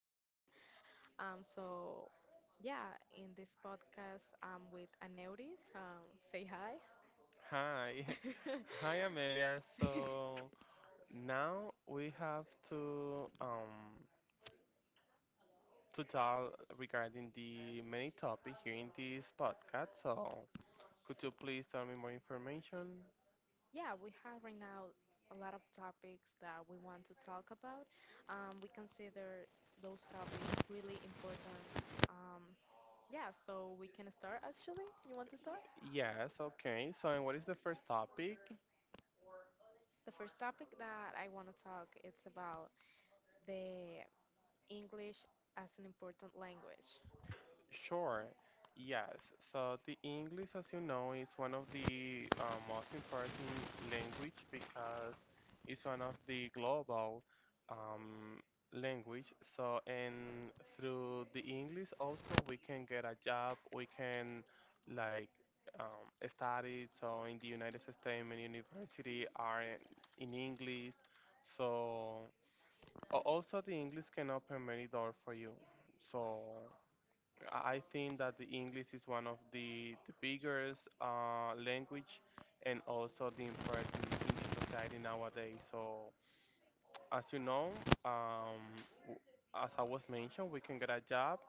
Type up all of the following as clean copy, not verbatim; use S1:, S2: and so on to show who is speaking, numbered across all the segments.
S1: partner. Um, so, yeah, in this podcast, I'm with Aneuris. Say hi.
S2: Hi. Hi, Amelia. So now we have to um to talk regarding the many topic here in this podcast. So could you please tell me more information?
S1: Yeah, we have right now a lot of topics that we want to talk about. We consider those topics really important. Um, yeah, so we can start actually. You want to start?
S2: Yes, okay. So and what is the first topic?
S1: The first topic that I want to talk it's about the English as an important language.
S2: Sure. Yes. So the English, as you know, is one of the most important language because it's one of the global um, language. So, and through the English also we can get a job. We can like study. So in the United States, many university are in English. So also the English can open many doors for you. So. I think that the English is one of the biggest language and also the important in the society nowadays. So as you know, um, w- as I was mentioned, we can get a job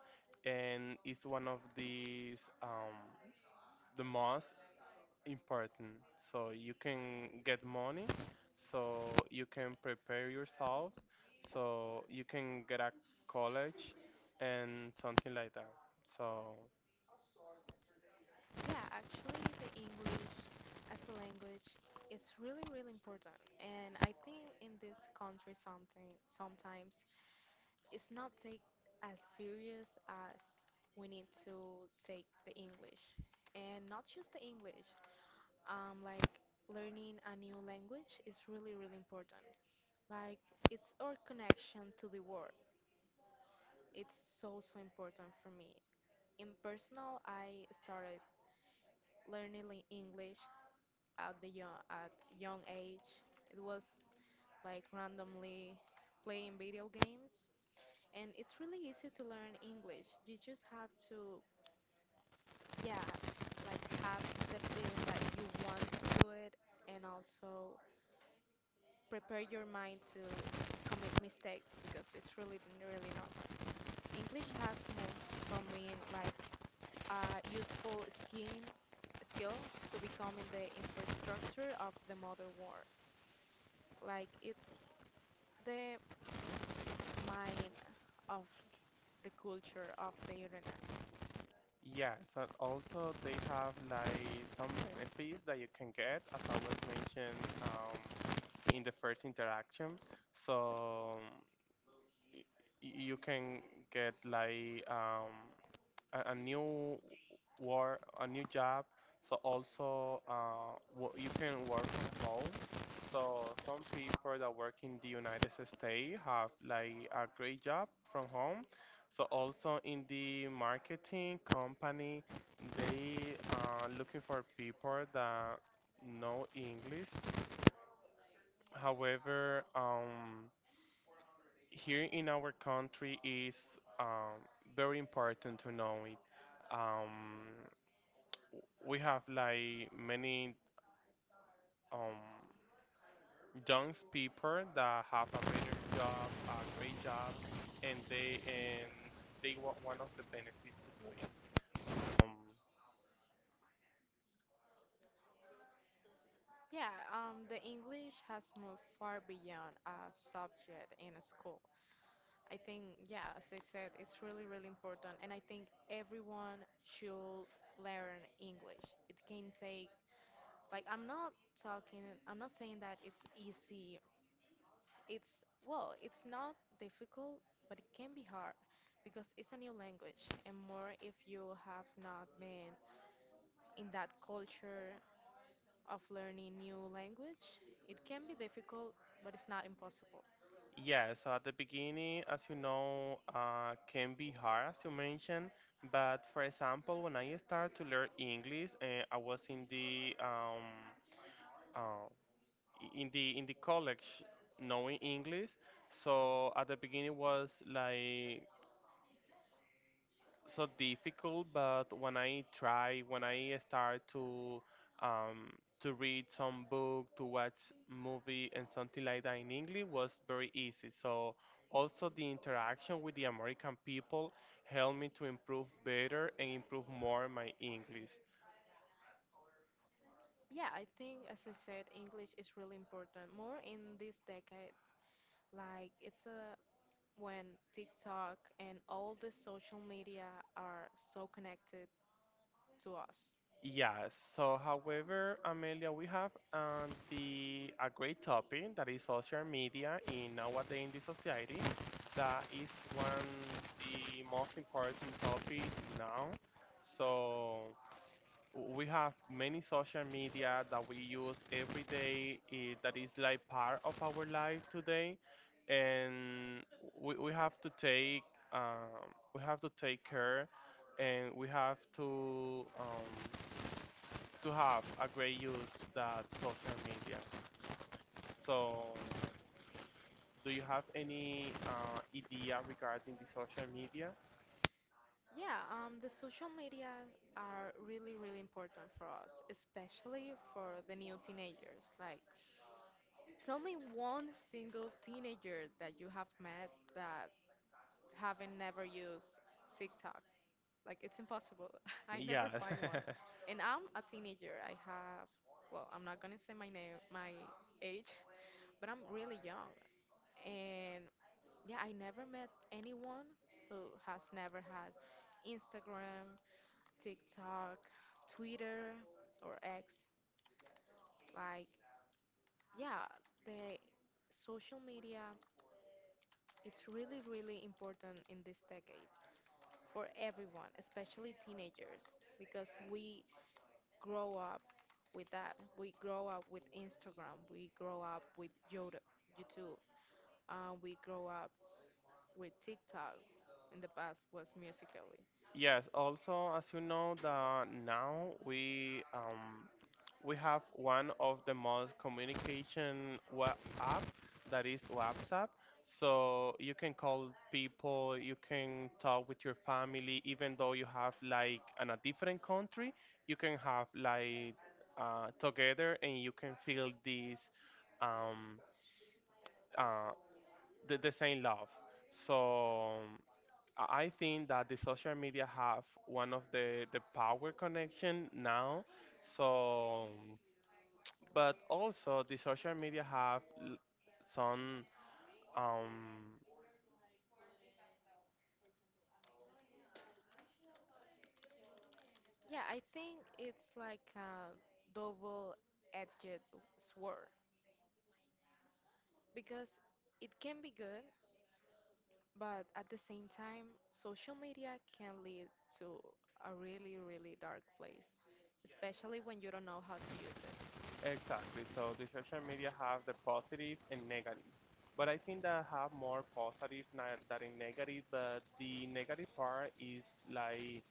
S2: and it's one of these the most important. So you can get money, so you can prepare yourself, so you can get a college and something like that. So.
S1: Yeah, actually, the English as a language is really, really important. And I think in this country, something sometimes it's not take as serious as we need to take the English, and not just the English. Like learning a new language is really, really important. Like it's our connection to the world. It's so, so important for me. In personal, I started learning English at the young, at young age. It was like randomly playing video games, and it's really easy to learn English. You just have to, yeah, like have the feeling that you want to do it, and also prepare your mind to commit mistakes because it's really, really normal. English has moved from being like a useful skin skill to becoming the infrastructure of the modern world. Like it's the mind of the culture of the internet.
S2: Yes, and also they have like some benefits that you can get, as I was mentioned in the first interaction. So y- you can get like a new work, a new job. So also, you can work from home. So some people that work in the United States have like a great job from home. So also in the marketing company, they are looking for people that know English. However, here in our country is um, very important to know it. Um, we have like many um young people that have a better job, a great job, and they want one of the benefits to do it. Um,
S1: Yeah, the English has moved far beyond a subject in a school. I think, yeah, as I said, it's really, really important, and I think everyone should learn English. It can take, like, I'm not saying that it's easy. It's, well, it's not difficult, but it can be hard because it's a new language, and more if you have not been in that culture of learning new language. It can be difficult, but it's not impossible.
S2: yeah. So at the beginning, as you know, can be hard, as you mentioned. But for example, when I started to learn English, I was in the uh, in the college knowing English. So at the beginning was like so difficult, but when I start um, to read some book, to watch movie and something like that in English was very easy. So also the interaction with the American people helped me to improve better and improve more my English.
S1: Yeah, I think, as I said, English is really important, more in this decade. Like, it's a when TikTok and all the social media are so connected to us.
S2: Yeah, so however, Amelia, we have the a great topic that is social media in nowadays in the society. That is one the most important topic now. So we have many social media that we use every day that is like part of our life today, and we have to take um, we have to take care, and we have to. To have a great use that social media. So, do you have any idea regarding the social media?
S1: Yeah, the social media are really, really important for us, especially for the new teenagers. Like, tell me one single teenager that you have met that haven't never used TikTok. Like, it's impossible. I never
S2: Yeah.
S1: find one. And I'm a teenager. I have, well, I'm not gonna say my name, my age, but I'm really young. And yeah, I never met anyone who has never had Instagram, TikTok, Twitter, or X. Like, yeah, the social media, it's really, really important in this decade for everyone, especially teenagers, because we grow up with that. We grow up with Instagram, we grow up with YouTube, we grow up with TikTok. In the past was musically.
S2: Yes, also, as you know, that now we have one of the most communication web app that is WhatsApp. So you can call people, you can talk with your family, even though you have like in a different country, you can have like together and you can feel this um, uh, the same love. So. I think that the social media have one of the power connection now. So, but also the social media have some um
S1: Yeah, I think it's like a double-edged sword because it can be good, but at the same time, social media can lead to a really, really dark place, especially when you don't know how to use it.
S2: exactly. So the social media have the positive and negative. But I think that have more positive than in negative. But the negative part is like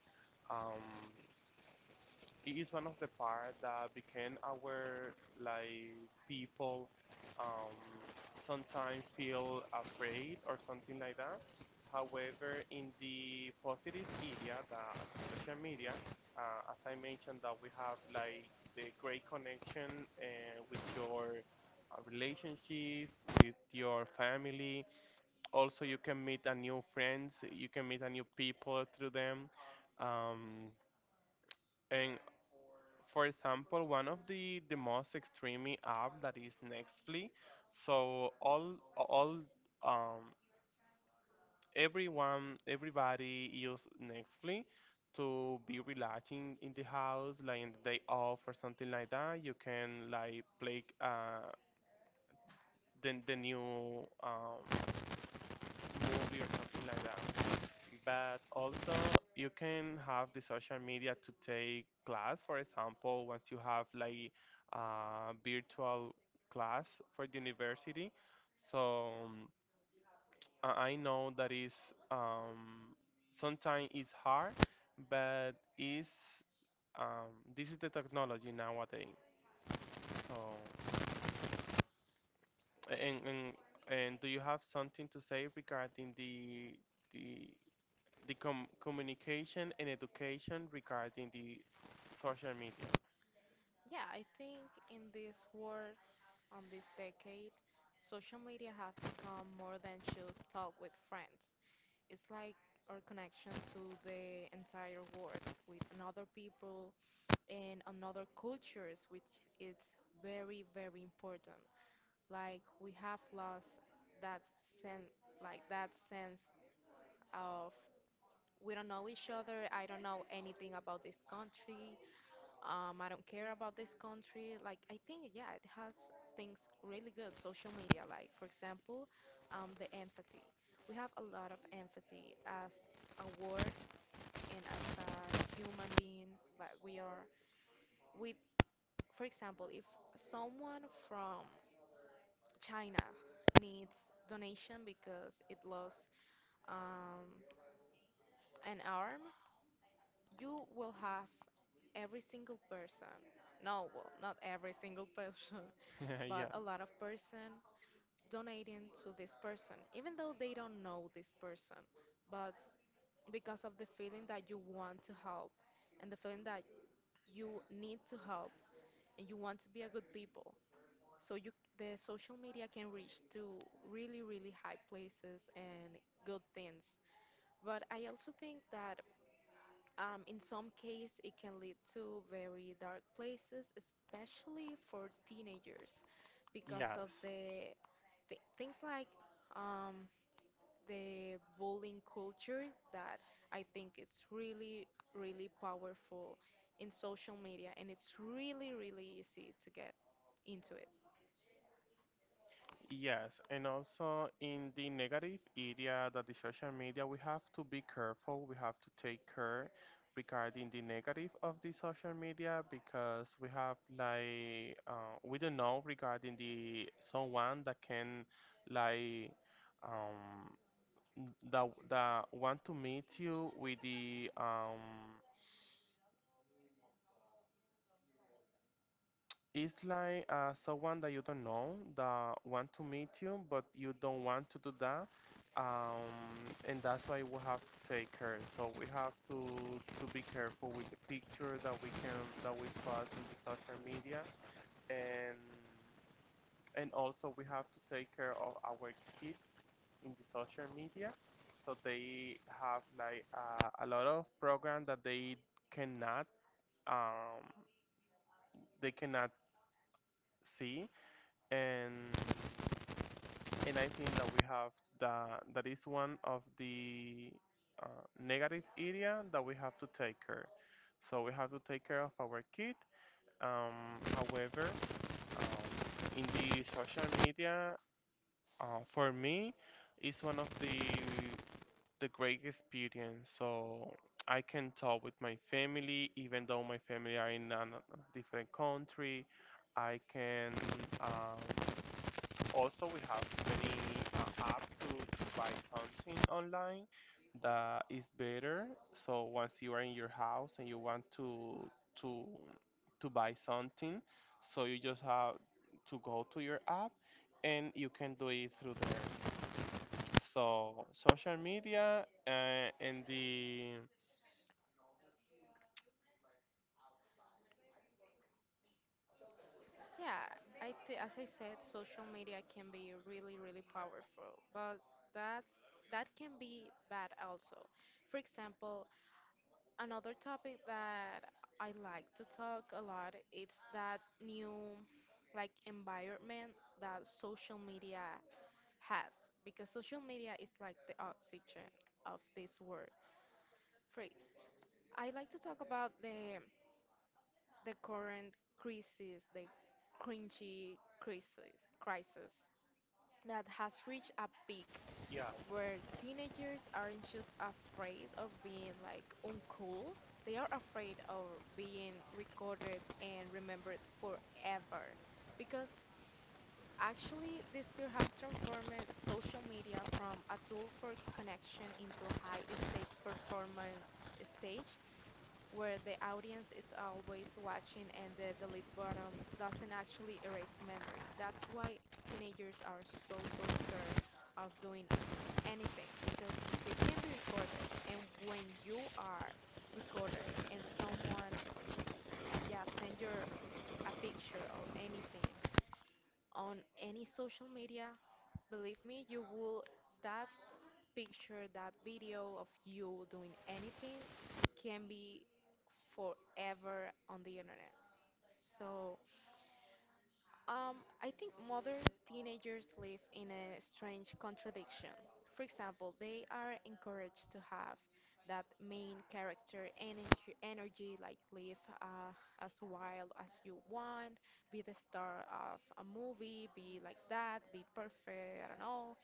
S2: um it is one of the part that became our like people um, sometimes feel afraid or something like that. However, in the positive area, the social media, as I mentioned, that we have like the great connection with your relationships, with your family. Also, you can meet a new friends. You can meet a new people through them. Um, and for example, one of the most extreme app that is Nextly. So all um everyone everybody use Nextly to be relaxing in the house, like in the day off or something like that. You can like play the new movie or something like that. But also you can have the social media to take class for example once you have like a virtual class for the university, so I know that is um, sometimes it's hard but is this is the technology nowadays, so and, and and do you have something to say regarding the the communication and education regarding the social media.
S1: Yeah, I think in this world, on this decade, social media have become more than just talk with friends. It's like our connection to the entire world with another people and another cultures, which is very, very important. Like we have lost that sense, like that sense of, we don't know each other. I don't know anything about this country. I don't care about this country. Like I think, yeah, it has things really good social media, like for example, the empathy, we have a lot of empathy as a word and as human beings. Like we are with, for example, if someone from China needs donation because it lost um, an arm, you will have every single person, no, well, not every single person, but
S2: Yeah.
S1: a lot of person donating to this person, even though they don't know this person, but because of the feeling that you want to help and the feeling that you need to help and you want to be a good people. So you, the social media can reach to really really high places and good things. But I also think that in some case it can lead to very dark places, especially for teenagers, because
S2: Yes.
S1: of the th things like um, the bullying culture that I think it's really really powerful in social media, and it's really really easy to get into it.
S2: Yes. And also in the negative area that the social media, we have to be careful. We have to take care regarding the negative of the social media because we have like we don't know regarding the someone that can like um that want to meet you with the it's like someone that you don't know that want to meet you, but you don't want to do that, um, and that's why we have to take care. So we have to be careful with the picture that we can that we post in the social media, and and also we have to take care of our kids in the social media, so they have like a lot of program that cannot um, they cannot see and and I think that we have that that is one of the negative area that we have to take care. So we have to take care of our kid. However, in the social media, for me, is one of the great experience. So I can talk with my family, even though my family are in a different country. I can. Um, also, we have many app to buy something online that is better. So once you are in your house and you want to to to buy something, so you just have to go to your app and you can do it through there. So social media and the
S1: Yeah, as I said, social media can be really, really powerful, but that's that can be bad also. For example, another topic that I like to talk a lot it's that new like environment that social media has because social media is like the oxygen of this world. For I like to talk about the current crisis, the crisis that has reached a peak
S2: yeah
S1: where teenagers aren't just afraid of being like uncool, they are afraid of being recorded and remembered forever. Because actually, this fear has transformed social media from a tool for connection into a high stake performance stage where the audience is always watching and the delete button doesn't actually erase memory. That's why teenagers are so, so scared of doing anything because they can be recorded. And when you are recorded and someone, yeah, send your a picture or anything on any social media, believe me, you will, that picture, that video of you doing anything can be forever on the internet. So, I think modern teenagers live in a strange contradiction. For example, they are encouraged to have that main character energy, like live as wild as you want, be the star of a movie, be like that, be perfect, I don't know.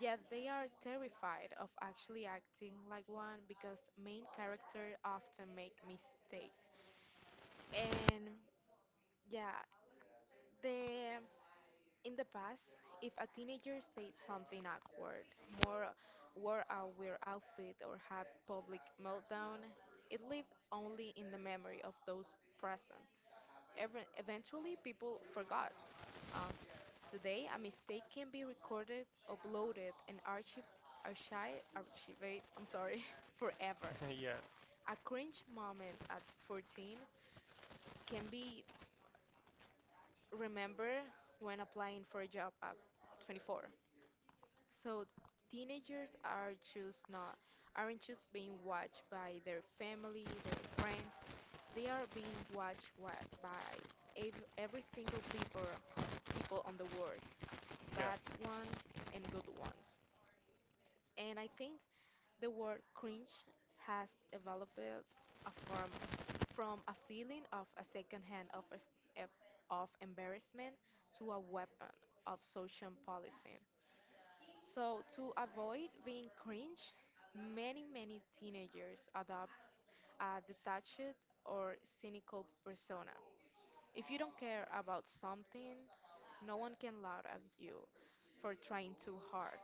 S1: Yet they are terrified of actually acting like one because main character often make mistakes. And yeah, the in the past, if a teenager said something awkward, more wore a weird outfit or had public meltdown, it lived only in the memory of those present. Eventually, people forgot. Um, today, a mistake can be recorded, uploaded, and archive, archivate. I'm sorry, forever.
S2: yeah
S1: A cringe moment at 14 can be remember when applying for a job at 24. So teenagers are just not, aren't just being watched by their family, their friends. They are being every single people on the world,
S2: yeah
S1: bad ones and good ones. And I think the word cringe has developed a form from a feeling of a secondhand of, em- of embarrassment to a weapon of social policing. So to avoid being cringe, many teenagers adopt a detached or cynical persona. If you don't care about something, no one can laugh at you for trying too hard.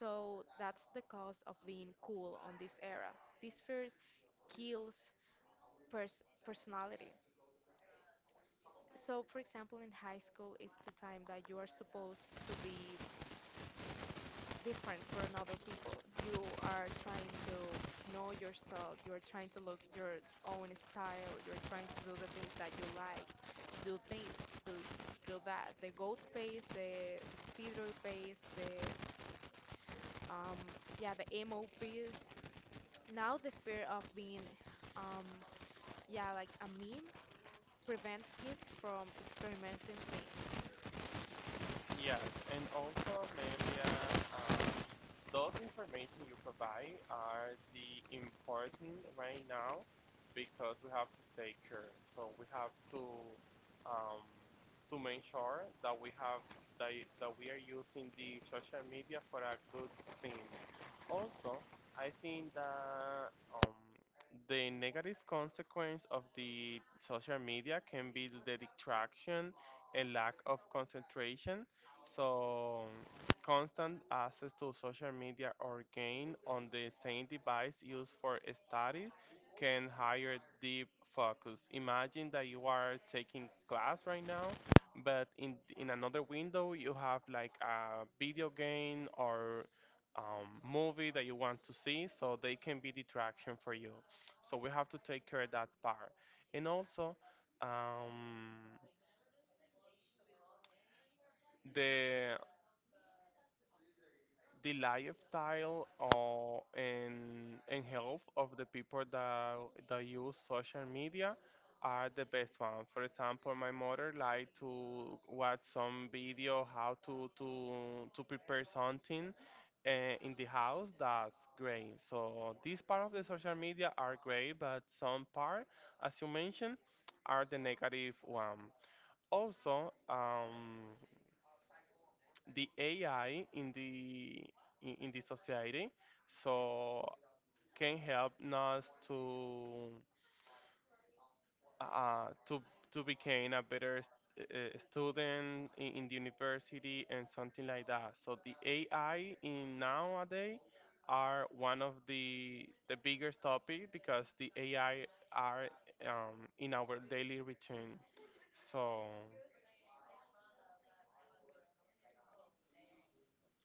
S1: So that's the cost of being cool on this era. This fear kills personality. So, for example, in high school, it's the time that you are supposed to be different from other people. You are trying to know yourself, you're trying to look your own style, you're trying to do the things that you like, do things, do, do that. The goat pace, the theater pace, the um yeah the emo piece. Now the fear of being, um, yeah, like a meme prevent kids from experimenting things.
S2: Yes, and also, Amelia, um, those information you provide are the important right now because we have to stay current. So we have um, to make sure that we have that we are using the social media for a good thing. Also, I think that the negative consequence of the social media can be the distraction and lack of concentration, so constant access to social media or game on the same device used for study can hire deep focus. Imagine that you are taking class right now, but in another window you have like a video game or movie that you want to see, so they can be distraction for you. So we have to take care of that part, and also. Um, the the lifestyle or and health of the people that that use social media are the best one. For example, my mother like to watch some video how to prepare something uh, in the house. That's great. So this part of the social media are great, but some part, as you mentioned, are the negative one. Also, the AI in the in the society, so can help us to uh, to to become a better student in the university and something like that. So the AI in nowadays are one of the biggest topic because the AI are in our daily routine. So.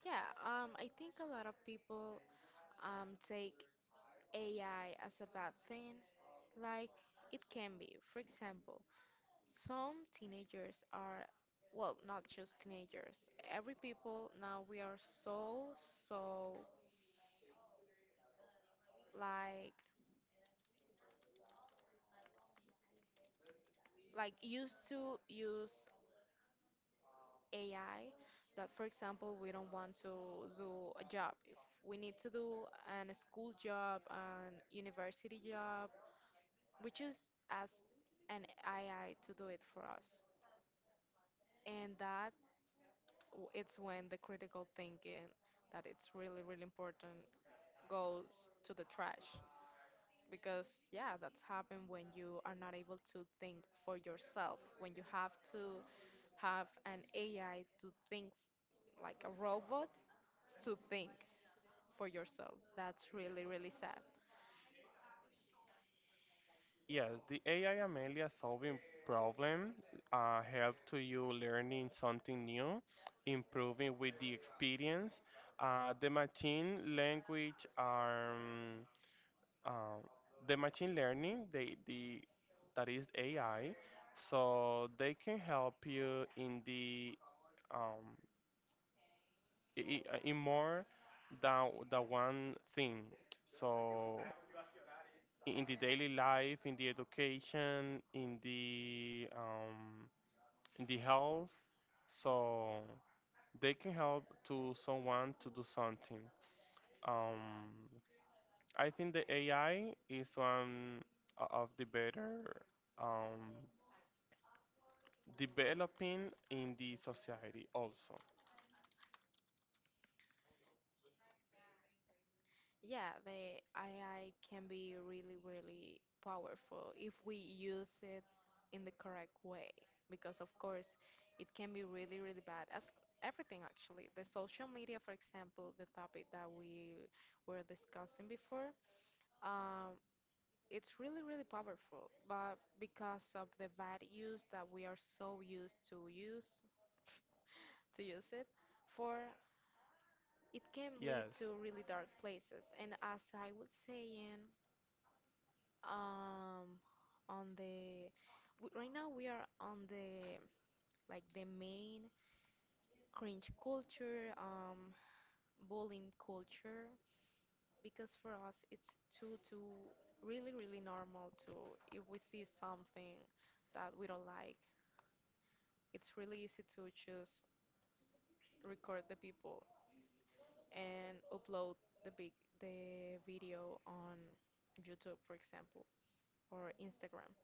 S1: Yeah, I think a lot of people take AI as a bad thing, like it can be. For example, some teenagers are, well, not just teenagers. Every people now we are so, so, like like used to use AI that, for example, we don't want to do a job. If we need to do an school job, an university job, we just ask an AI to do it for us. And that it's when the critical thinking that it's really, really important goes to the trash. Because, yeah, that's happened when you are not able to think for yourself, when you have to have an AI to think like a robot to think for yourself. That's really, really sad.
S2: Yes, the AI Amelia solving problem help to you learning something new, improving with the experience. Uh, the machine language are um, uh, the machine learning they the that is AI, so they can help you in the um, in more than the one thing. So in the daily life, in the education, in the health, so they can help to someone to do something. Um, I think the AI is one of the better um, developing in the society also.
S1: Yeah, the AI can be really, really powerful if we use it in the correct way. Because, of course, it can be really, really bad. As everything, actually. The social media, for example, the topic that we were discussing before, um, it's really, really powerful. But because of the bad use that we are so used to use it for, it can lead
S2: Yes.
S1: to really dark places. And as I was saying, um, on right now we are on the like the main cringe culture, bullying culture, because for us it's too really really normal to, if we see something that we don't like, it's really easy to just record the people and upload the big the video on YouTube, for example, or Instagram.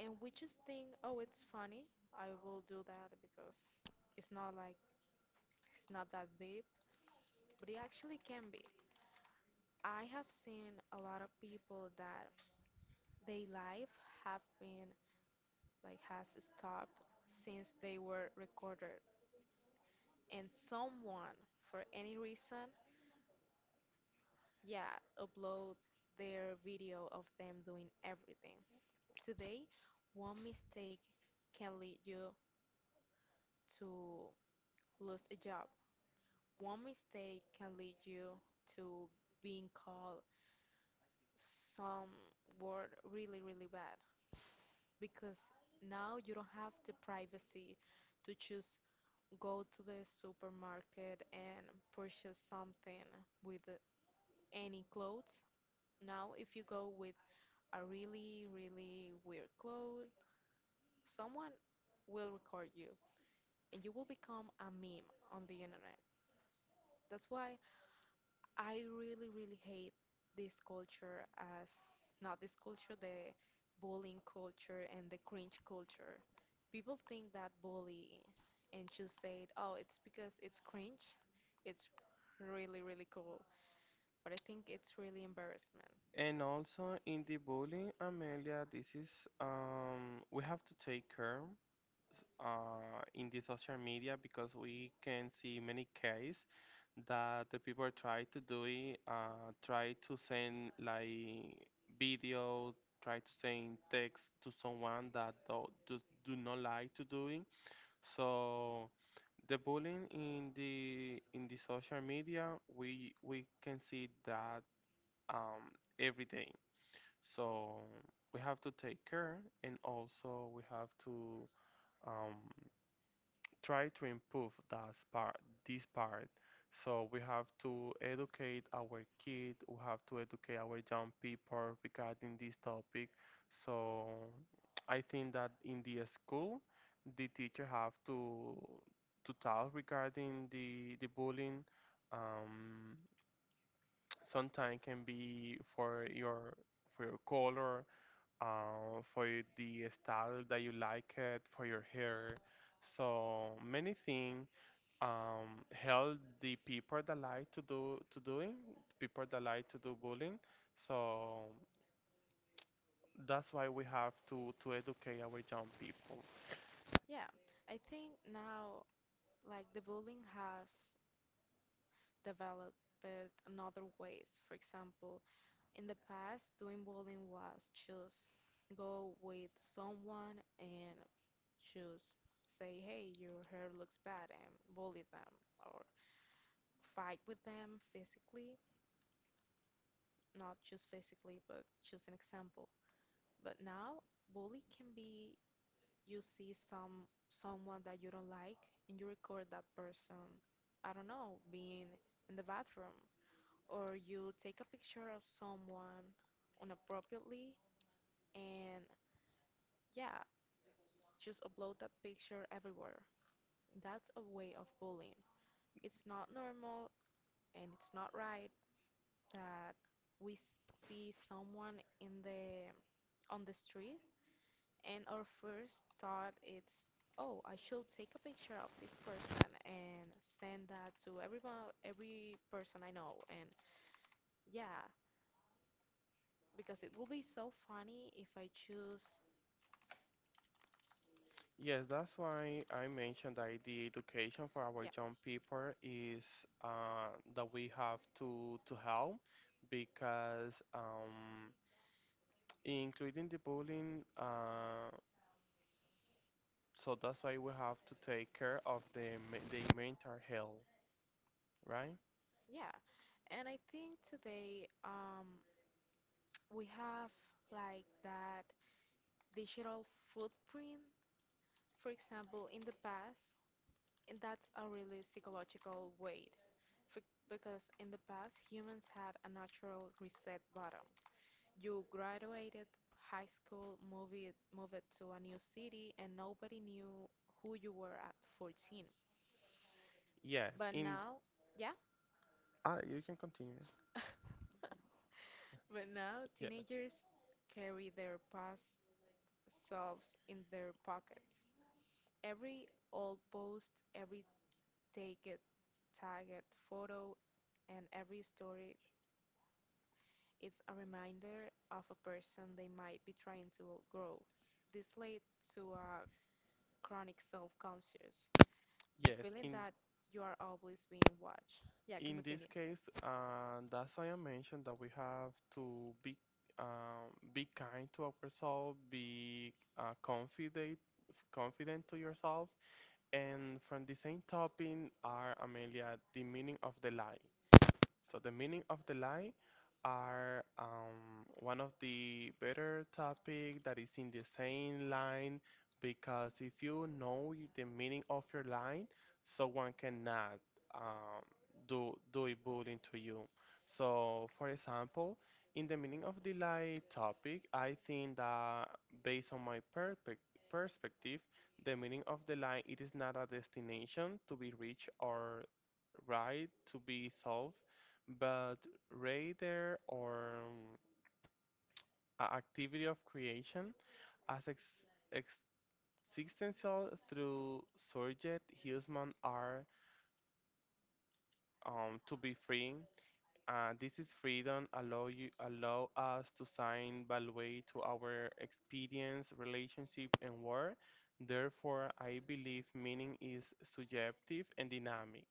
S1: And we just think, oh, it's funny. I will do that because it's not like it's not that deep, but it actually can be. I have seen a lot of people that their life have been, has stopped since they were recorded, and someone for any reason, yeah, upload their video of them doing everything. Today, one mistake can lead you to lose a job. One mistake can lead you to being called some word really, really bad, because now you don't have the privacy to just go to the supermarket and purchase something with any clothes. Now, if you go with a really, really weird clothes, someone will record you and you will become a meme on the internet. That's why I really, really hate this culture as, not this culture, the bullying culture and the cringe culture. People think that bully and just say, oh, it's because it's cringe. It's really, really cool. But I think it's really embarrassment.
S2: And also in the bullying, Amelia, this is we have to take care. In the social media because we can see many cases that the people try to do it, try to send like video, try to send text to someone that do not like to do it. So the bullying in the social media, we can see that every day. So we have to take care and also we have to um, try to improve this part. So we have to educate our kid, we have to educate our young people regarding this topic. So I think that in the school, the teacher have to talk regarding the bullying. Um, sometimes can be for your color, for the style that you like it, for your hair. So many things help the people that like to do to doing people that like to do bullying. So that's why we have to educate our young people.
S1: Yeah, I think now, like, the bullying has developed another ways. For example, in the past, doing bowling was just go with someone and just say, hey, your hair looks bad, and bully them, or fight with them physically, not just physically, but just an example. But now, bully can be you see someone that you don't like and you record that person, I don't know, being in the bathroom, or you take a picture of someone inappropriately, and yeah, just upload that picture everywhere. That's a way of bullying. It's not normal and it's not right that we see someone in the on the street and our first thought it's, oh, I should take a picture of this person and send that to every person I know, and yeah, because it will be so funny if I choose.
S2: Yes, that's why I mentioned that the education for our
S1: Yeah,
S2: young people is that we have to help because including the bullying. So that's why we have to take care of the the mental health, right?
S1: yeah. And I think today we have like that digital footprint. For example, in the past, and that's a really psychological weight for, because in the past, humans had a natural reset button. You graduated high school, moved to a new city, and nobody knew who you were at 14.
S2: Yes,
S1: But
S2: in
S1: now, yeah,
S2: You can continue.
S1: but now
S2: Yeah,
S1: teenagers carry their past selves in their pockets. Every old post, every take it, tag it, photo, and every story its a reminder of a person they might be trying to grow. This leads to a chronic self-conscious, the
S2: yes.
S1: feeling
S2: In
S1: that you are always being watched. Yeah, can
S2: in this
S1: continue.
S2: case, that's why I mentioned that we have to be kind to ourselves, be confident to yourself. And from the same topic are Amelia, the meaning of the life. So the meaning of the lie are one of the better topic that is in the same line because if you know the meaning of your line, someone cannot um, do a bullying to you. So for example, in the meaning of the lie topic, I think that based on my perspective, the meaning of the lie it is not a destination to be reached or right to be solved but rather or a activity of creation as ex existential through surrogate human are to be free. This is freedom allow you allow us to assign value to our experience, relationship, and work. Therefore, I believe meaning is subjective and dynamic.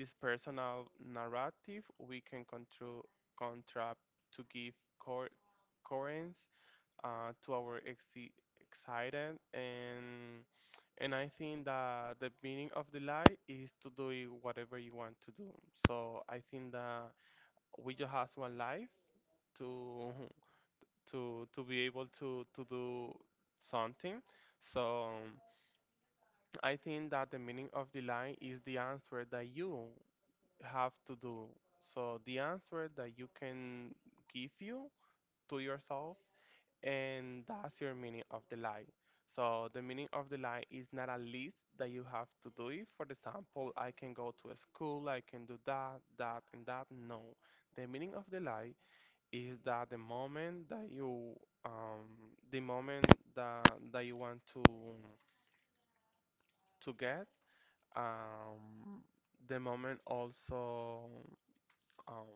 S2: It is personal narrative we can control contract to give cor- coherence to our excited and I think that the meaning of the life is to do whatever you want to do. So I think that we just has one life to to be able to do something. So I think that the meaning of the line is the answer that you have to do. So the answer that you can give you to yourself, and that's your meaning of the line. So the meaning of the line is not a list that you have to do it. For example, I can go to a school, I can do that, that, and that. No. The meaning of the lie is that the moment that you the moment that you want to get um, the moment also um,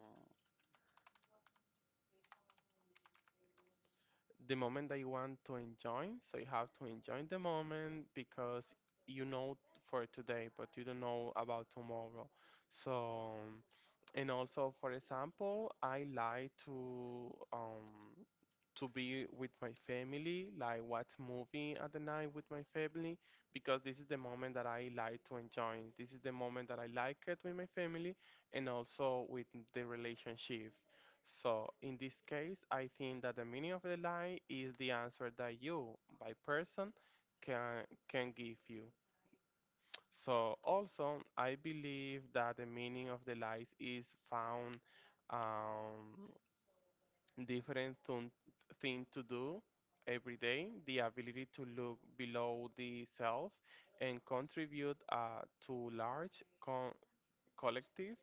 S2: the moment that you want to enjoy. So you have to enjoy the moment because you know for today, but you don't know about tomorrow. So, and also, for example, I like to be with my family, like watch movie at the night with my family, because this is the moment that I like to enjoy. This is the moment that I like it with my family and also with the relationship. So in this case, I think that the meaning of the lie is the answer that you, by person, can give you. So also, I believe that the meaning of the lies is found um, different thing to do every day. The ability to look below the self and contribute to large collective,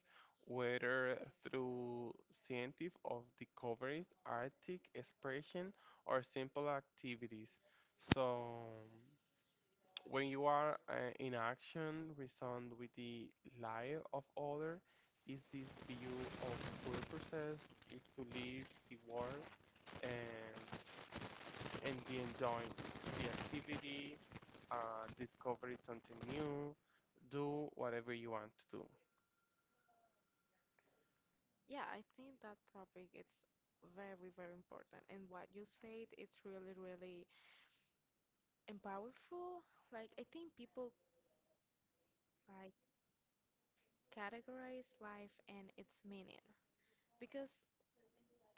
S2: whether through scientific of discoveries, artistic expression, or simple activities. So, when you are in action, resound with the life of other, is this view of purposes is to live the world and be enjoying the activity, discover something new, do whatever you want to do.
S1: Yeah, I think that topic is very, very important. And what you said, it's really, really, and like I think people like categorize life and its meaning, because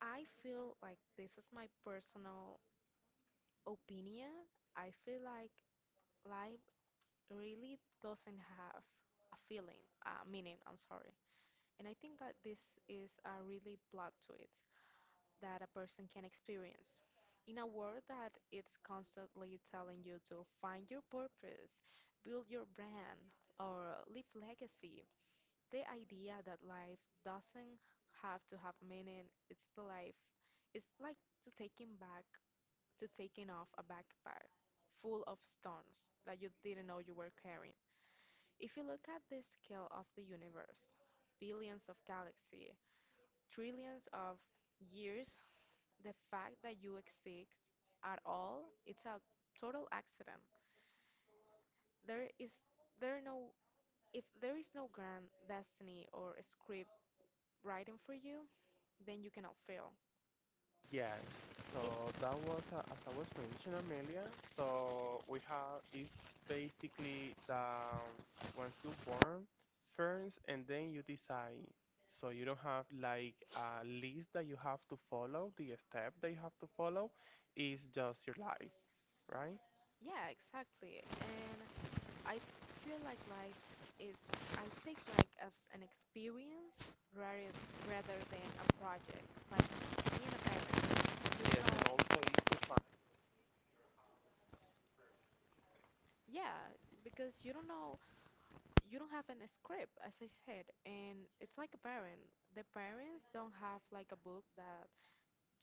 S1: I feel like this is my personal opinion. I feel like life really doesn't have a feeling, meaning, I'm sorry. And I think that this is a really plot to it that a person can experience. In a world that it's constantly telling you to find your purpose, build your brand, or leave legacy, the idea that life doesn't have to have meaning it's the life it's like to taking back to taking off a backpack full of stones that you didn't know you were carrying. If you look at the scale of the universe, billions of galaxies, trillions of years, the fact that you exist at all it's a total accident. There is there no, if there is no grand destiny or script writing for you, then you cannot fail.
S2: Yes, so
S1: If
S2: that was, as I was mentioning, Amelia, so we have, it's basically that once you born first and then you decide. So you don't have like a list that you have to follow, the step that you have to follow is just your life, right?
S1: yeah, exactly. And I feel like life is I take like as an experience rather than a project. Like being a parent, you don't
S2: Yes, and
S1: know.
S2: also is to find.
S1: Yeah, because you don't know, you don't have an script, as I said, and it's like a parent. The parents don't have like a book that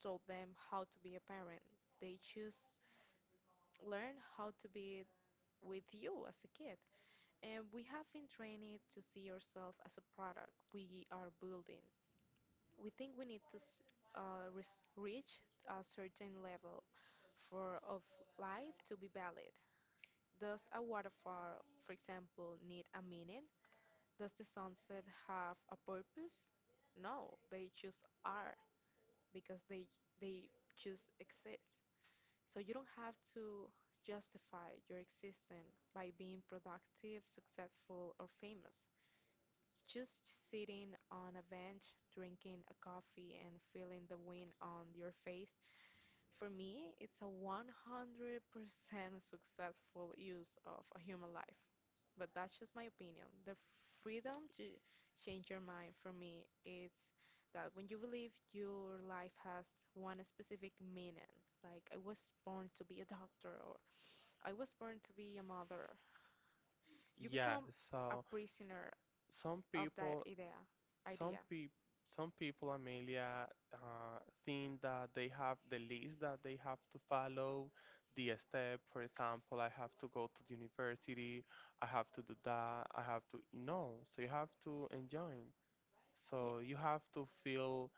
S1: told them how to be a parent. They choose learn how to be with you as a kid. And we have been trained to see yourself as a product we are building. We think we need to reach a certain level for of life to be valid. Does a waterfall, for example, need a meaning? Does the sunset have a purpose? No, they just are because they just exist. So you don't have to justify your existence by being productive, successful, or famous. Just sitting on a bench, drinking a coffee, and feeling the wind on your face, for me, it's a 100% successful use of a human life. But that's just my opinion. The freedom to change your mind for me, it's that when you believe your life has one specific meaning, like I was born to be a doctor or I was born to be a mother, you
S2: Yeah,
S1: become a
S2: so
S1: prisoner
S2: s- some
S1: of that
S2: people
S1: idea.
S2: some peop some people, Amelia, uh, think that they have the list that they have to follow, the step. For example, I have to go to the university, I have to do that, I have to. No, so you have to enjoy.
S1: Yeah,
S2: So you have to feel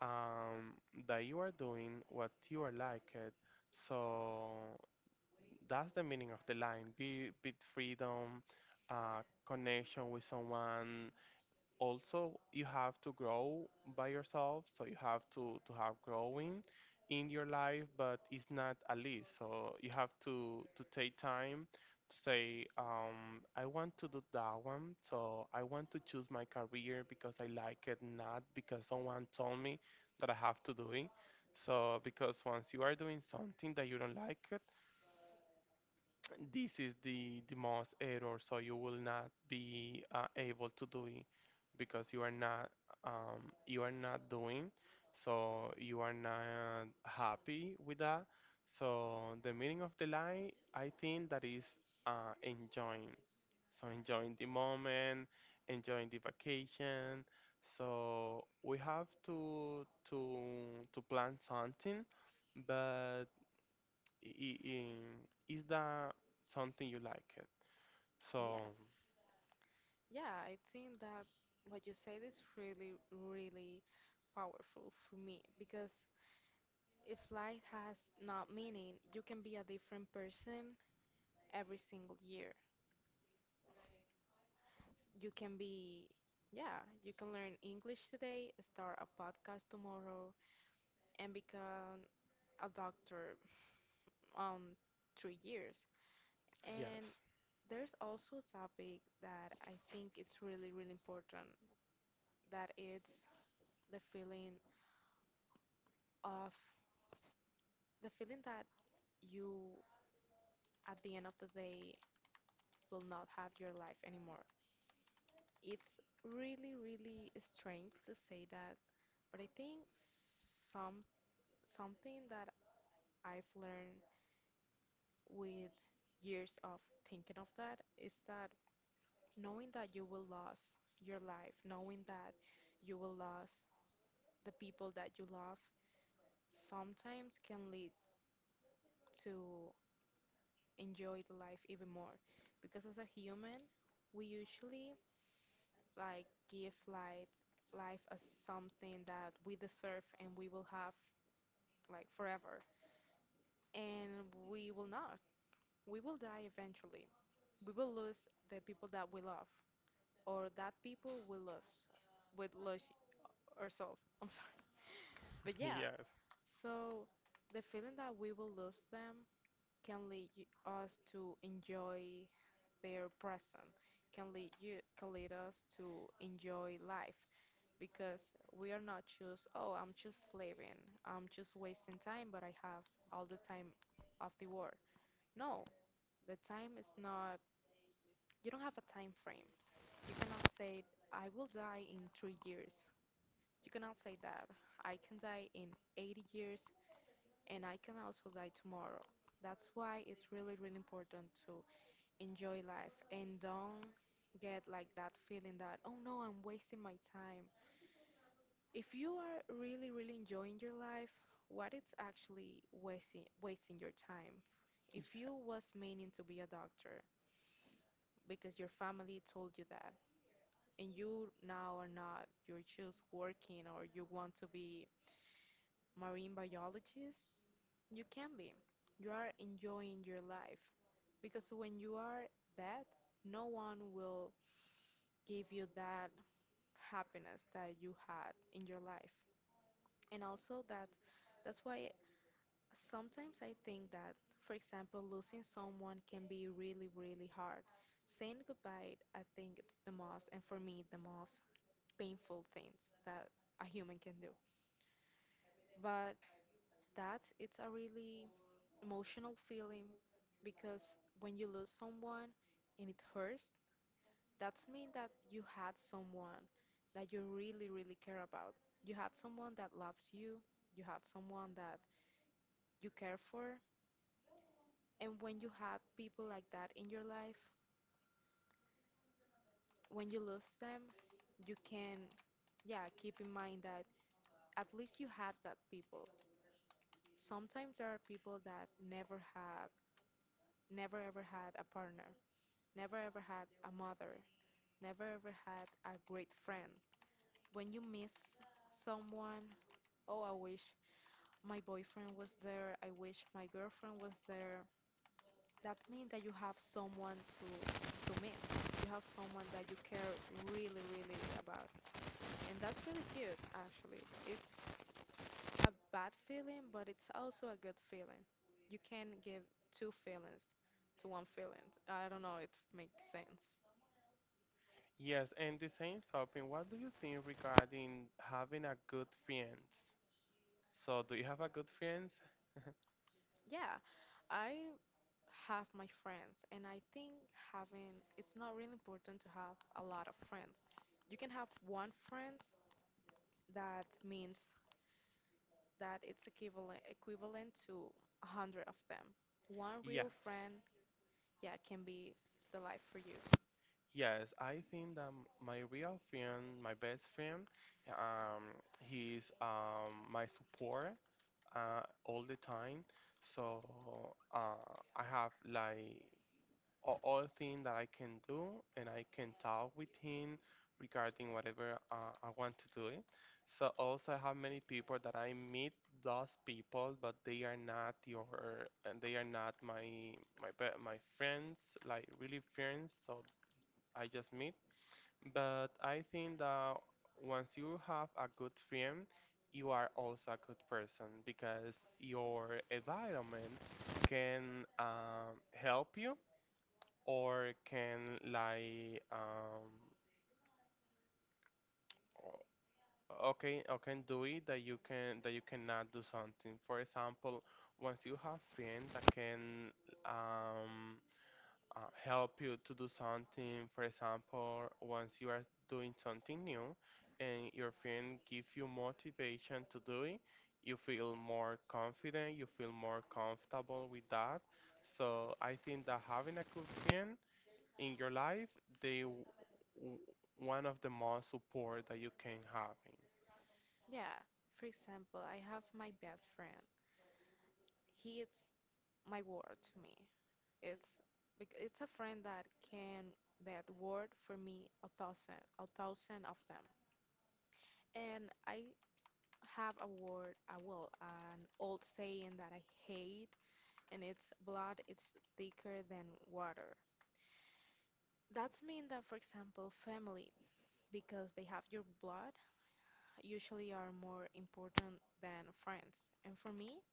S2: um, that you are doing what you are like it. So that's the meaning of the line. Be freedom, uh, connection with someone, also you have to grow by yourself so you have to have growing in your life but it's not a list so you have to take time to say I want to do that one so I want to choose my career because I like it, not because someone told me that I have to do it. So because once you are doing something that you don't like it, this is the most error so you will not be able to do it because you are not doing so you are not happy with that. So the meaning of the line I think that is enjoying, so enjoying the moment, enjoying the vacation, so we have to plan something but is that something you like it?
S1: yeah,
S2: So,
S1: yeah. I think that what you said is really, really powerful for me, because if life has not meaning, you can be a different person every single year. You can be, yeah, you can learn English today, start a podcast tomorrow, and become a doctor um 3 years.
S2: yes,
S1: And there's also a topic that I think it's really, really important. That it's the feeling of the feeling that you at the end of the day will not have your life anymore. It's really, really strange to say that, but I think some something that I've learned with years of thinking of that is that knowing that you will lose your life, knowing that you will lose the people that you love sometimes can lead to enjoy the life even more, because as a human we usually like give like life as something that we deserve and we will have like forever. And we will not. We will die eventually. We will lose the people that we love, or that people will lose, would lose ourselves. I'm sorry, but yeah.
S2: yes,
S1: So the feeling that we will lose them can lead us to enjoy their present, can lead us to enjoy life, because we are not just, oh, I'm just living, I'm just wasting time, but I have all the time of the world. No, the time is not, you don't have a time frame. You cannot say, I will die in 3 years. You cannot say that. I can die in 80 years and I can also die tomorrow. That's why it's really, really important to enjoy life and don't get like that feeling that, oh no, I'm wasting my time. If you are really, really enjoying your life, what it's actually wasting your time? If
S2: ye-
S1: you was meaning to be a doctor because your family told you that and you now are not, you're just working or you want to be marine biologist, you can be. You are enjoying your life, because when you are that, no one will give you that happiness that you had in your life. And also that, that's why sometimes I think that, for example, losing someone can be really, really hard. Saying goodbye, I think it's the most, and for me the most painful things that a human can do. But that it's a really emotional feeling, because when you lose someone and it hurts, that's mean that you had someone that you really, really care about, you had someone that loves you, you had someone that you care for. And when you have people like that in your life, when you lose them, you can, yeah, keep in mind that at least you had that people. Sometimes there are people that never have, never ever had a partner, never ever had a mother, never ever had a great friend. When you miss someone, oh, I wish my boyfriend was there, I wish my girlfriend was there. That means that you have someone to miss. You have someone that you care really, really about. And that's really cute, actually. It's a bad feeling, but it's also a good feeling. You can give two feelings to one feeling. I don't know if it makes sense.
S2: yes. And the same topic, what do you think regarding having a good friends? So, do you have a good friends?
S1: Yeah, I have my friends, and I think having it's not really important to have a lot of friends. You can have one friend that means that it's equivalent to 100 of them. One
S2: Yes.
S1: real friend, yeah, can be the life for you.
S2: Yes, I think that my real friend, my best friend, he's my support all the time. So I have like all thing that I can do, and I can talk with him regarding whatever I want to do. So also I have many people that I meet those people, but they are not your, and they are not my my friends, like really friends. So I just meet. But I think that once you have a good friend, you are also a good person because your environment can help you or can like o- okay or can do it that you can that you cannot do something. For example, once you have friends that can um help you to do something, for example once you are doing something new and your friend give you motivation to do it, you feel more confident, you feel more comfortable with that. So I think that having a good friend in your life, they w- one of the most support that you can have.
S1: Yeah. For example, I have my best friend. He is my word to me. It's it's a friend that can that word for me 1,000 of them. And I have a word, well, an old saying that I hate, and it's blood is thicker than water. That's mean that, for example, family, because they have your blood, usually are more important than friends. And for me,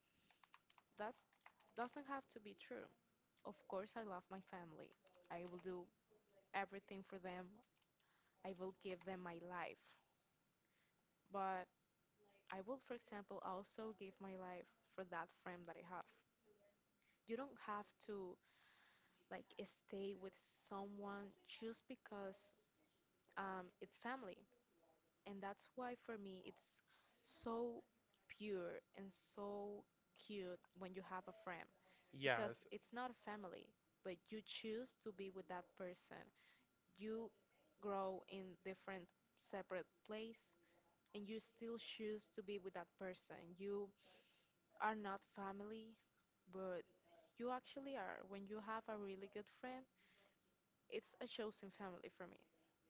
S1: that's doesn't have to be true. Of course, I love my family. I will do everything for them. I will give them my life. But I will, for example, also give my life for that friend that I have. You don't have to like stay with someone just because it's family. And that's why for me it's so pure and so cute when you have a friend, because
S2: Yes,
S1: it's not a family, but you choose to be with that person. You grow in different separate place and you still choose to be with that person. You are not family, but you actually are when you have a really good friend. It's a chosen family for me.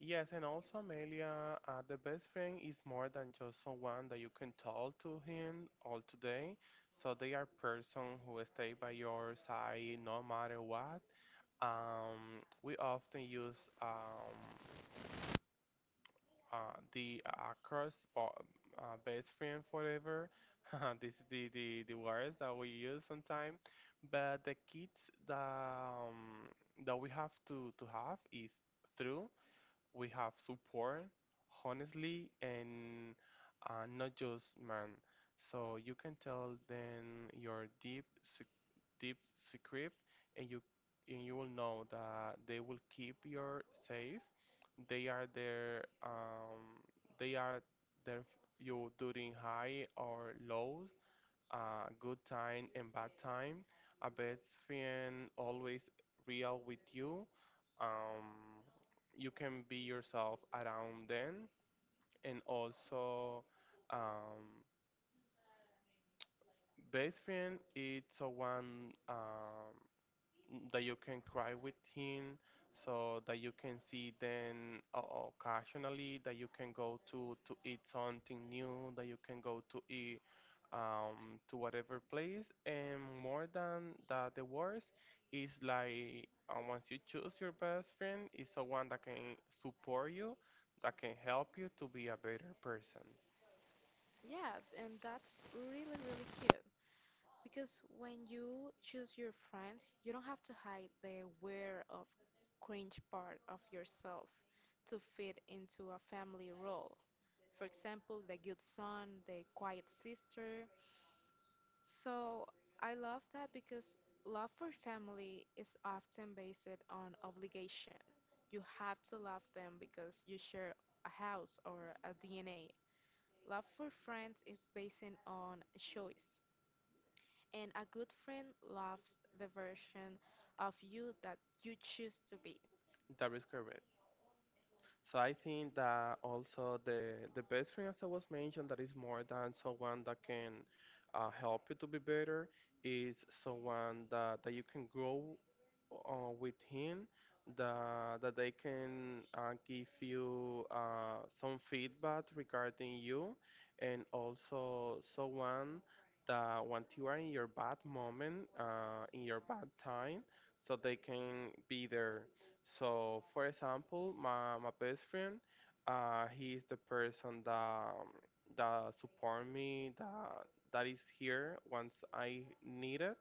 S2: yes, and also Amelia, the best friend is more than just someone that you can talk to him all today. So they are person who stay by your side no matter what. We often use uh, the uh, across bo- best friend forever. This is the words that we use sometimes. But the kids that, that we have to have is through. We have support, honestly, and not just man. So you can tell them your deep secret and you will know that they will keep your safe. They are there um they are there you during high or low, good time and bad time. A best friend always real with you. Um you can be yourself around them and also um best friend is someone that you can cry with him, so that you can see then occasionally, that you can go to eat something new, that you can go to eat to whatever place. And more than that, the worst is like once you choose your best friend, is someone that can support you, that can help you to be a better person.
S1: Yeah, and that's really really cute. Because when you choose your friends, you don't have to hide the weird of cringe part of yourself to fit into a family role. For example, the good son, the quiet sister. So I love that because love for family is often based on obligation. You have to love them because you share a house or a DNA. Love for friends is based on choice, and a good friend loves the version of you that you choose to be.
S2: That is correct. So I think that also the best friend, as I was mentioned, that is more than someone that can help you to be better, is someone that, that you can grow with him, that they can give you some feedback regarding you, and also someone that when you are in your bad moment, in your bad time, so they can be there. So, for example, my best friend, he is the person that support me, that is here once I need it.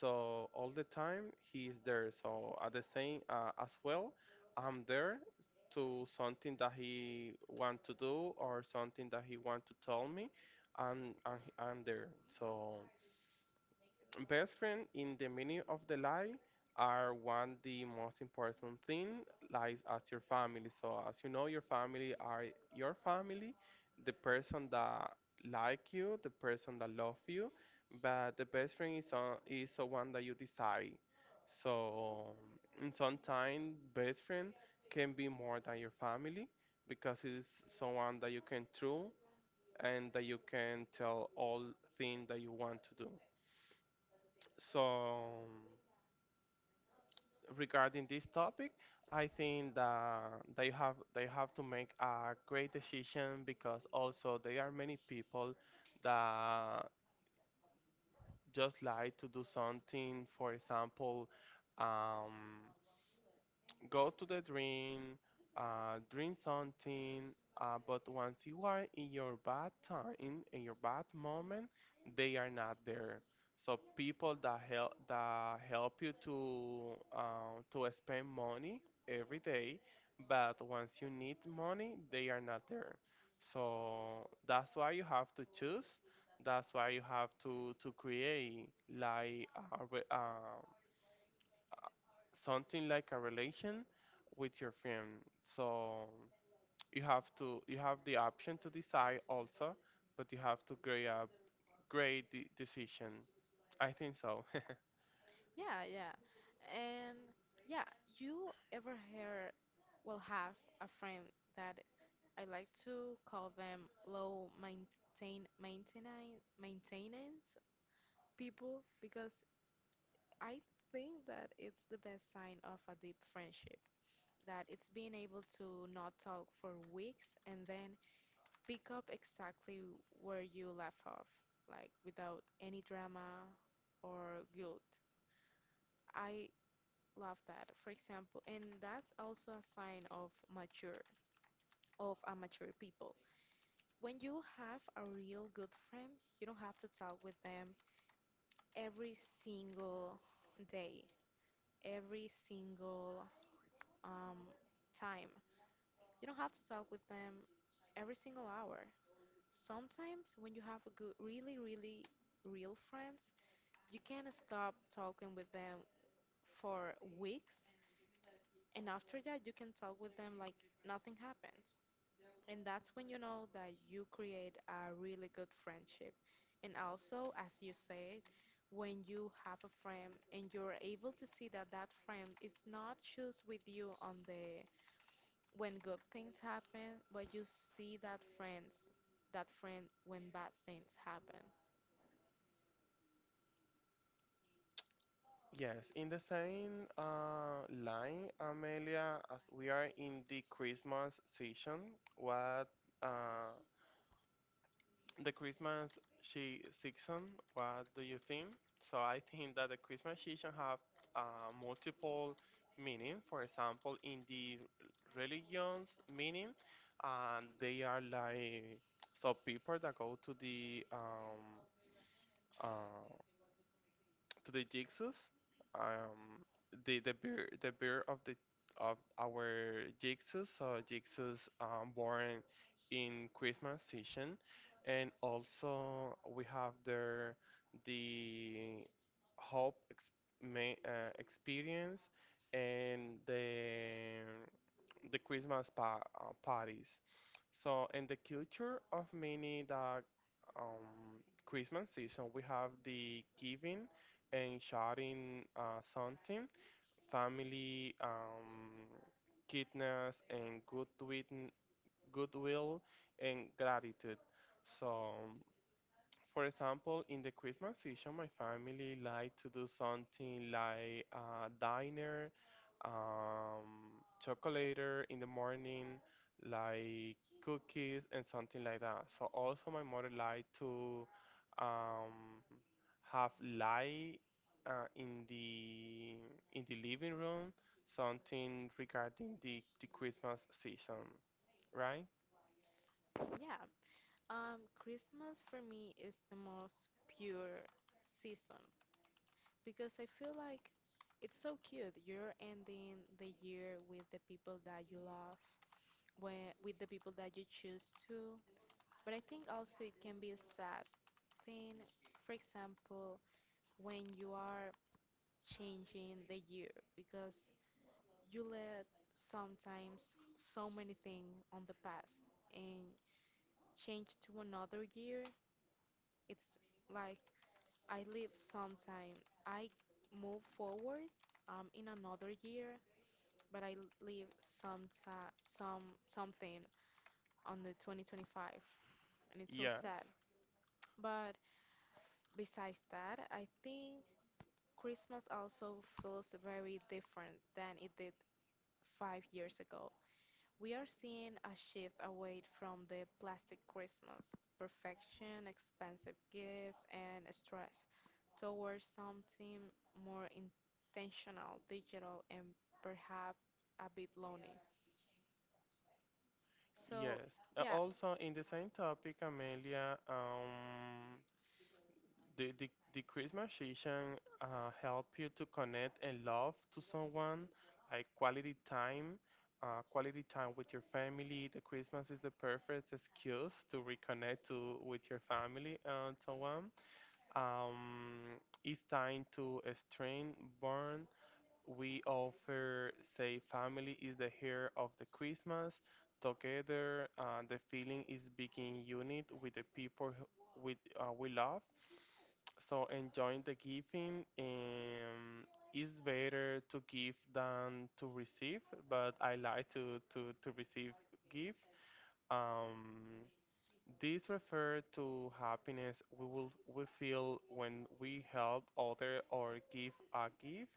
S2: So all the time he is there. So at the same as well, I'm there to something that he want to do or something that he want to tell me. I'm there. So. Best friend in the meaning of the lie are one the most important thing lies as your family. So as you know, your family are your family, the person that like you, the person that love you, but the best friend is on, is the one that you decide. So in sometimes best friend can be more than your family because it's someone that you can true and that you can tell all thing that you want to do. So regarding this topic, I think that they have to make a great decision because also there are many people that just like to do something. For example, um, go to the drain, drink something. But once you are in your bad time, in your bad moment, they are not there. So people that help you to spend money every day, but once you need money, they are not there. So that's why you have to choose. That's why you have to create like something like a relation with your friend. So you have the option to decide also, but you have to create a great de decision. I think so.
S1: Yeah, yeah. And yeah, you ever hear? Will have a friend that I like to call them low maintain maintenance maintenance people because I think that it's the best sign of a deep friendship, that it's being able to not talk for weeks and then pick up exactly where you left off, like without any drama or guilt. I love that, for example, and that's also a sign of mature, of a mature people. When you have a real good friend, you don't have to talk with them every single day, every single um, time. You don't have to talk with them every single hour. Sometimes when you have a good, really, really real friends, you can stop talking with them for weeks, and after that, you can talk with them like nothing happened. And that's when you know that you create a really good friendship. And also, as you said, when you have a friend and you're able to see that friend is not just with you on the when good things happen, but you see that friend when bad things happen.
S2: Yes, in the same line, Amelia, as we are in the Christmas season, what uh, the Christmas she season, what do you think? So I think that the Christmas season have multiple meaning. For example, in the religions meaning, and they are like so people that go to the uh, to the jigsaws. Um, the beer of the of our jigsaws. So jigsaws born in Christmas season, and also we have there the hope experience and the Christmas parties. So in the culture of many the um, Christmas season, we have the giving and sharing something, family, kindness, and goodwill, goodwill and gratitude. So for example, in the Christmas season, my family like to do something like a diner, chocolater in the morning, like cookies and something like that. So also my mother like to um, have light in the living room, something regarding the Christmas season, right?
S1: Yeah. Christmas for me is the most pure season because I feel like it's so cute. You're ending the year with the people that you love, where, with the people that you choose to. But I think also it can be a sad thing. For example, when you are changing the year, because you let sometimes so many things on the past and change to another year, it's like I leave sometime. I move forward in another year, but I leave some some something on the 2025, and it's so
S2: Yes.
S1: sad. But besides that, I think Christmas also feels very different than it did five years ago. We are seeing a shift away from the plastic Christmas, perfection, expensive gift, and stress, towards something more intentional, digital, and perhaps a bit lonely. So,
S2: Yes.
S1: yeah,
S2: Also, in the same topic, Amelia, the Christmas season help you to connect and love to someone, like quality time with your family. The Christmas is the perfect excuse to reconnect to with your family and so on. Um, it's time to strain, burn, we offer say family is the hair of the Christmas together, the feeling is being unit with the people with we love, so enjoying the giving, is better to give than to receive, but I like to receive gift. um, this refer to happiness we will we feel when we help other or give a gift,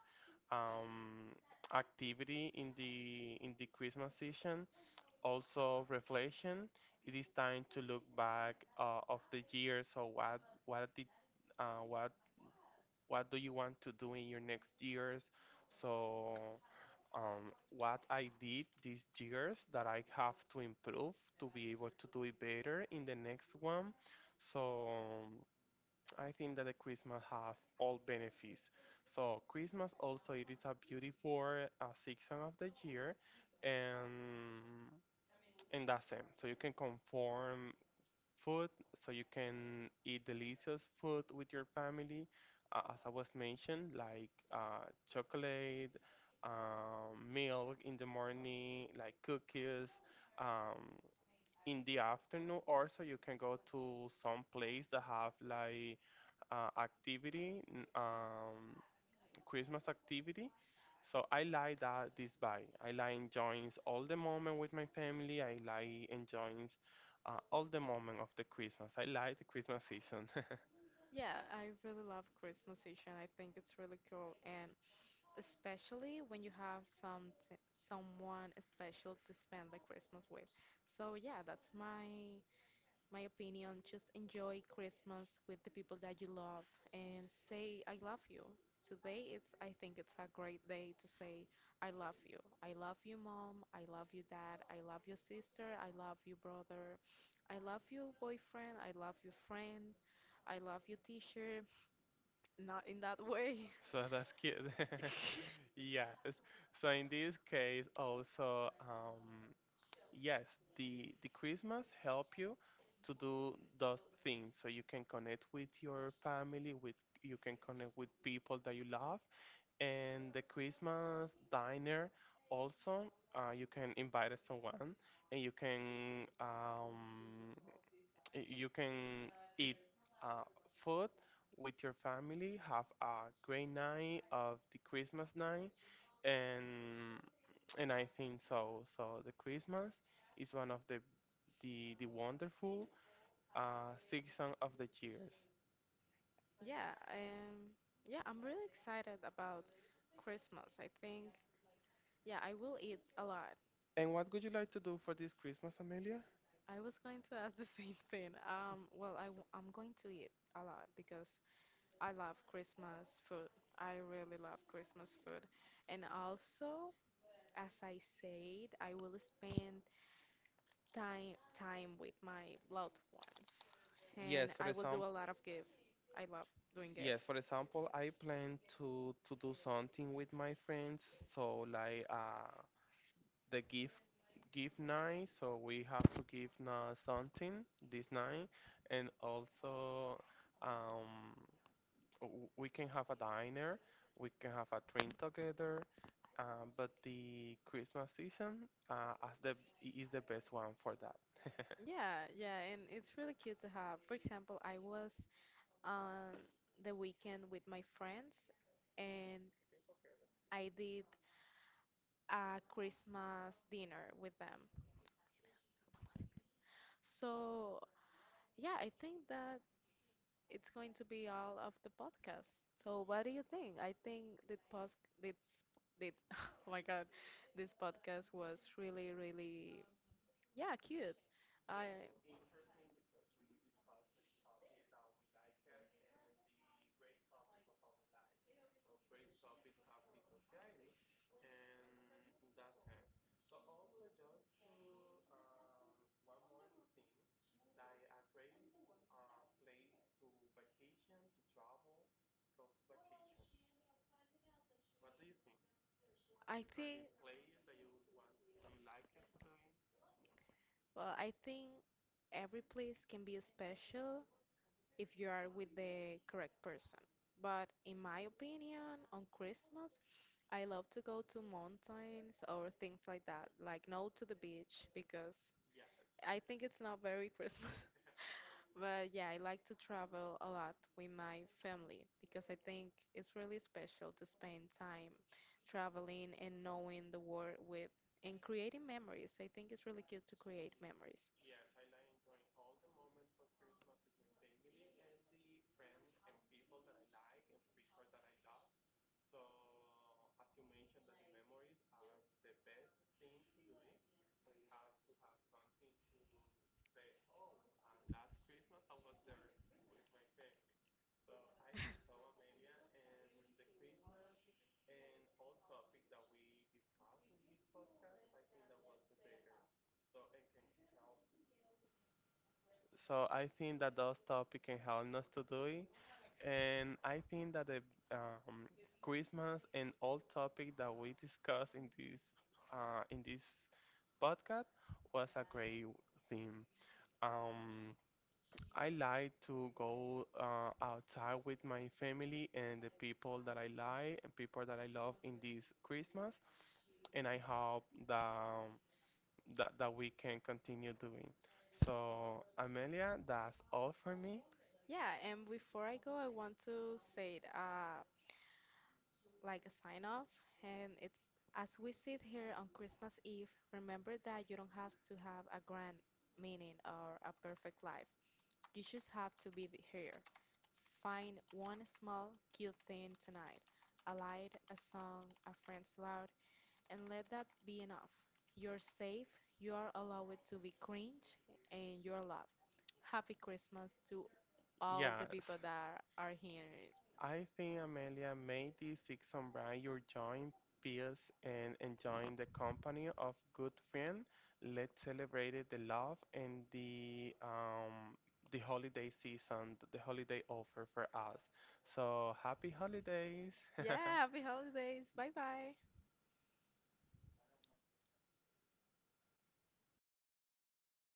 S2: um, activity in the Christmas season. Also reflection. It is time to look back of the year. So what what do you want to do in your next years? So what I did these years that I have to improve to be able to do it better in the next one. So I think that the Christmas have all benefits. So Christmas also it is a beautiful season of the year, and in that sense, so you can conform food, so you can eat delicious food with your family, as I was mentioned, like chocolate, milk in the morning, like cookies. Um, in the afternoon, also you can go to some place that have like activity, Christmas activity. So I like that this vibe. I like enjoying all the moment with my family. I like enjoying all the moment of the Christmas. I like the Christmas season.
S1: yeah, I really love Christmas season. I think it's really cool, and especially when you have some someone special to spend the Christmas with. So, yeah, that's my my opinion, just enjoy Christmas with the people that you love and say, I love you. Today, it's, I think it's a great day to say, I love you. I love you, mom. I love you, dad. I love you, sister. I love you, brother. I love you, boyfriend. I love you, friend. I love you, teacher. Not in that way.
S2: So that's cute. Yes. So in this case, also, yes, the Christmas help you to do those things. So you can connect with your family, with you can connect with people that you love, and the Christmas diner also, you can invite someone and you can you can eat uh, food with your family, have a great night of the Christmas night, and and I think so. So the Christmas is one of the the wonderful season of the years.
S1: Yeah, yeah, I'm really excited about Christmas. I think, yeah, I will eat a lot.
S2: And what would you like to do for this Christmas, Amelia?
S1: I was going to ask the same thing. Well, I, I'm going to eat a lot because I love Christmas food. I really love Christmas food. And also, as I said, I will spend time with my loved ones. And
S2: Yes, for
S1: I will do
S2: example.
S1: a lot of gifts. I love doing
S2: Yes,
S1: gifts.
S2: for example, I plan to do something with my friends, so like the gift night, so we have to give something this night, and also um we can have a diner, we can have a drink together, but the Christmas season as the is the best one for that.
S1: Yeah, yeah, and it's really cute to have. For example, I was on the weekend with my friends and I did a Christmas dinner with them. So, yeah, I think that it's going to be all of the podcast. So, what do you think? I think the post this did oh my God, this podcast was really, really, yeah, cute. I I think, well, I think every place can be special if you are with the correct person. But in my opinion, on Christmas, I love to go to mountains or things like that, like no to the beach because I think it's not very Christmas. But yeah, I like to travel a lot with my family because I think it's really special to spend time traveling and knowing the world with and creating memories. I think it's really good to create memories.
S2: So I think that those topics can help us to do it. And I think that the um, Christmas and all topic that we discussed in this podcast was a great theme. Um, I like to go outside with my family and the people that I like and people that I love in this Christmas, and I hope that that we can continue doing. So, Amelia, that's all for me.
S1: Yeah, and before I go, I want to say, it. Like a sign off, and it's as we sit here on Christmas Eve, remember that you don't have to have a grand meaning or a perfect life. You just have to be here. Find one small, cute thing tonight, a light, a song, a friend's laugh, and let that be enough. You're safe, you are allowed to be cringe, and you're loved. Happy Christmas to all the people
S2: Yes.
S1: that are here.
S2: I think Amelia made the six on bright your joint peers and enjoying the company of good friend. Let's celebrate the love and the holiday season, the holiday offer for us. So happy holidays!
S1: Yeah, happy holidays. Bye bye.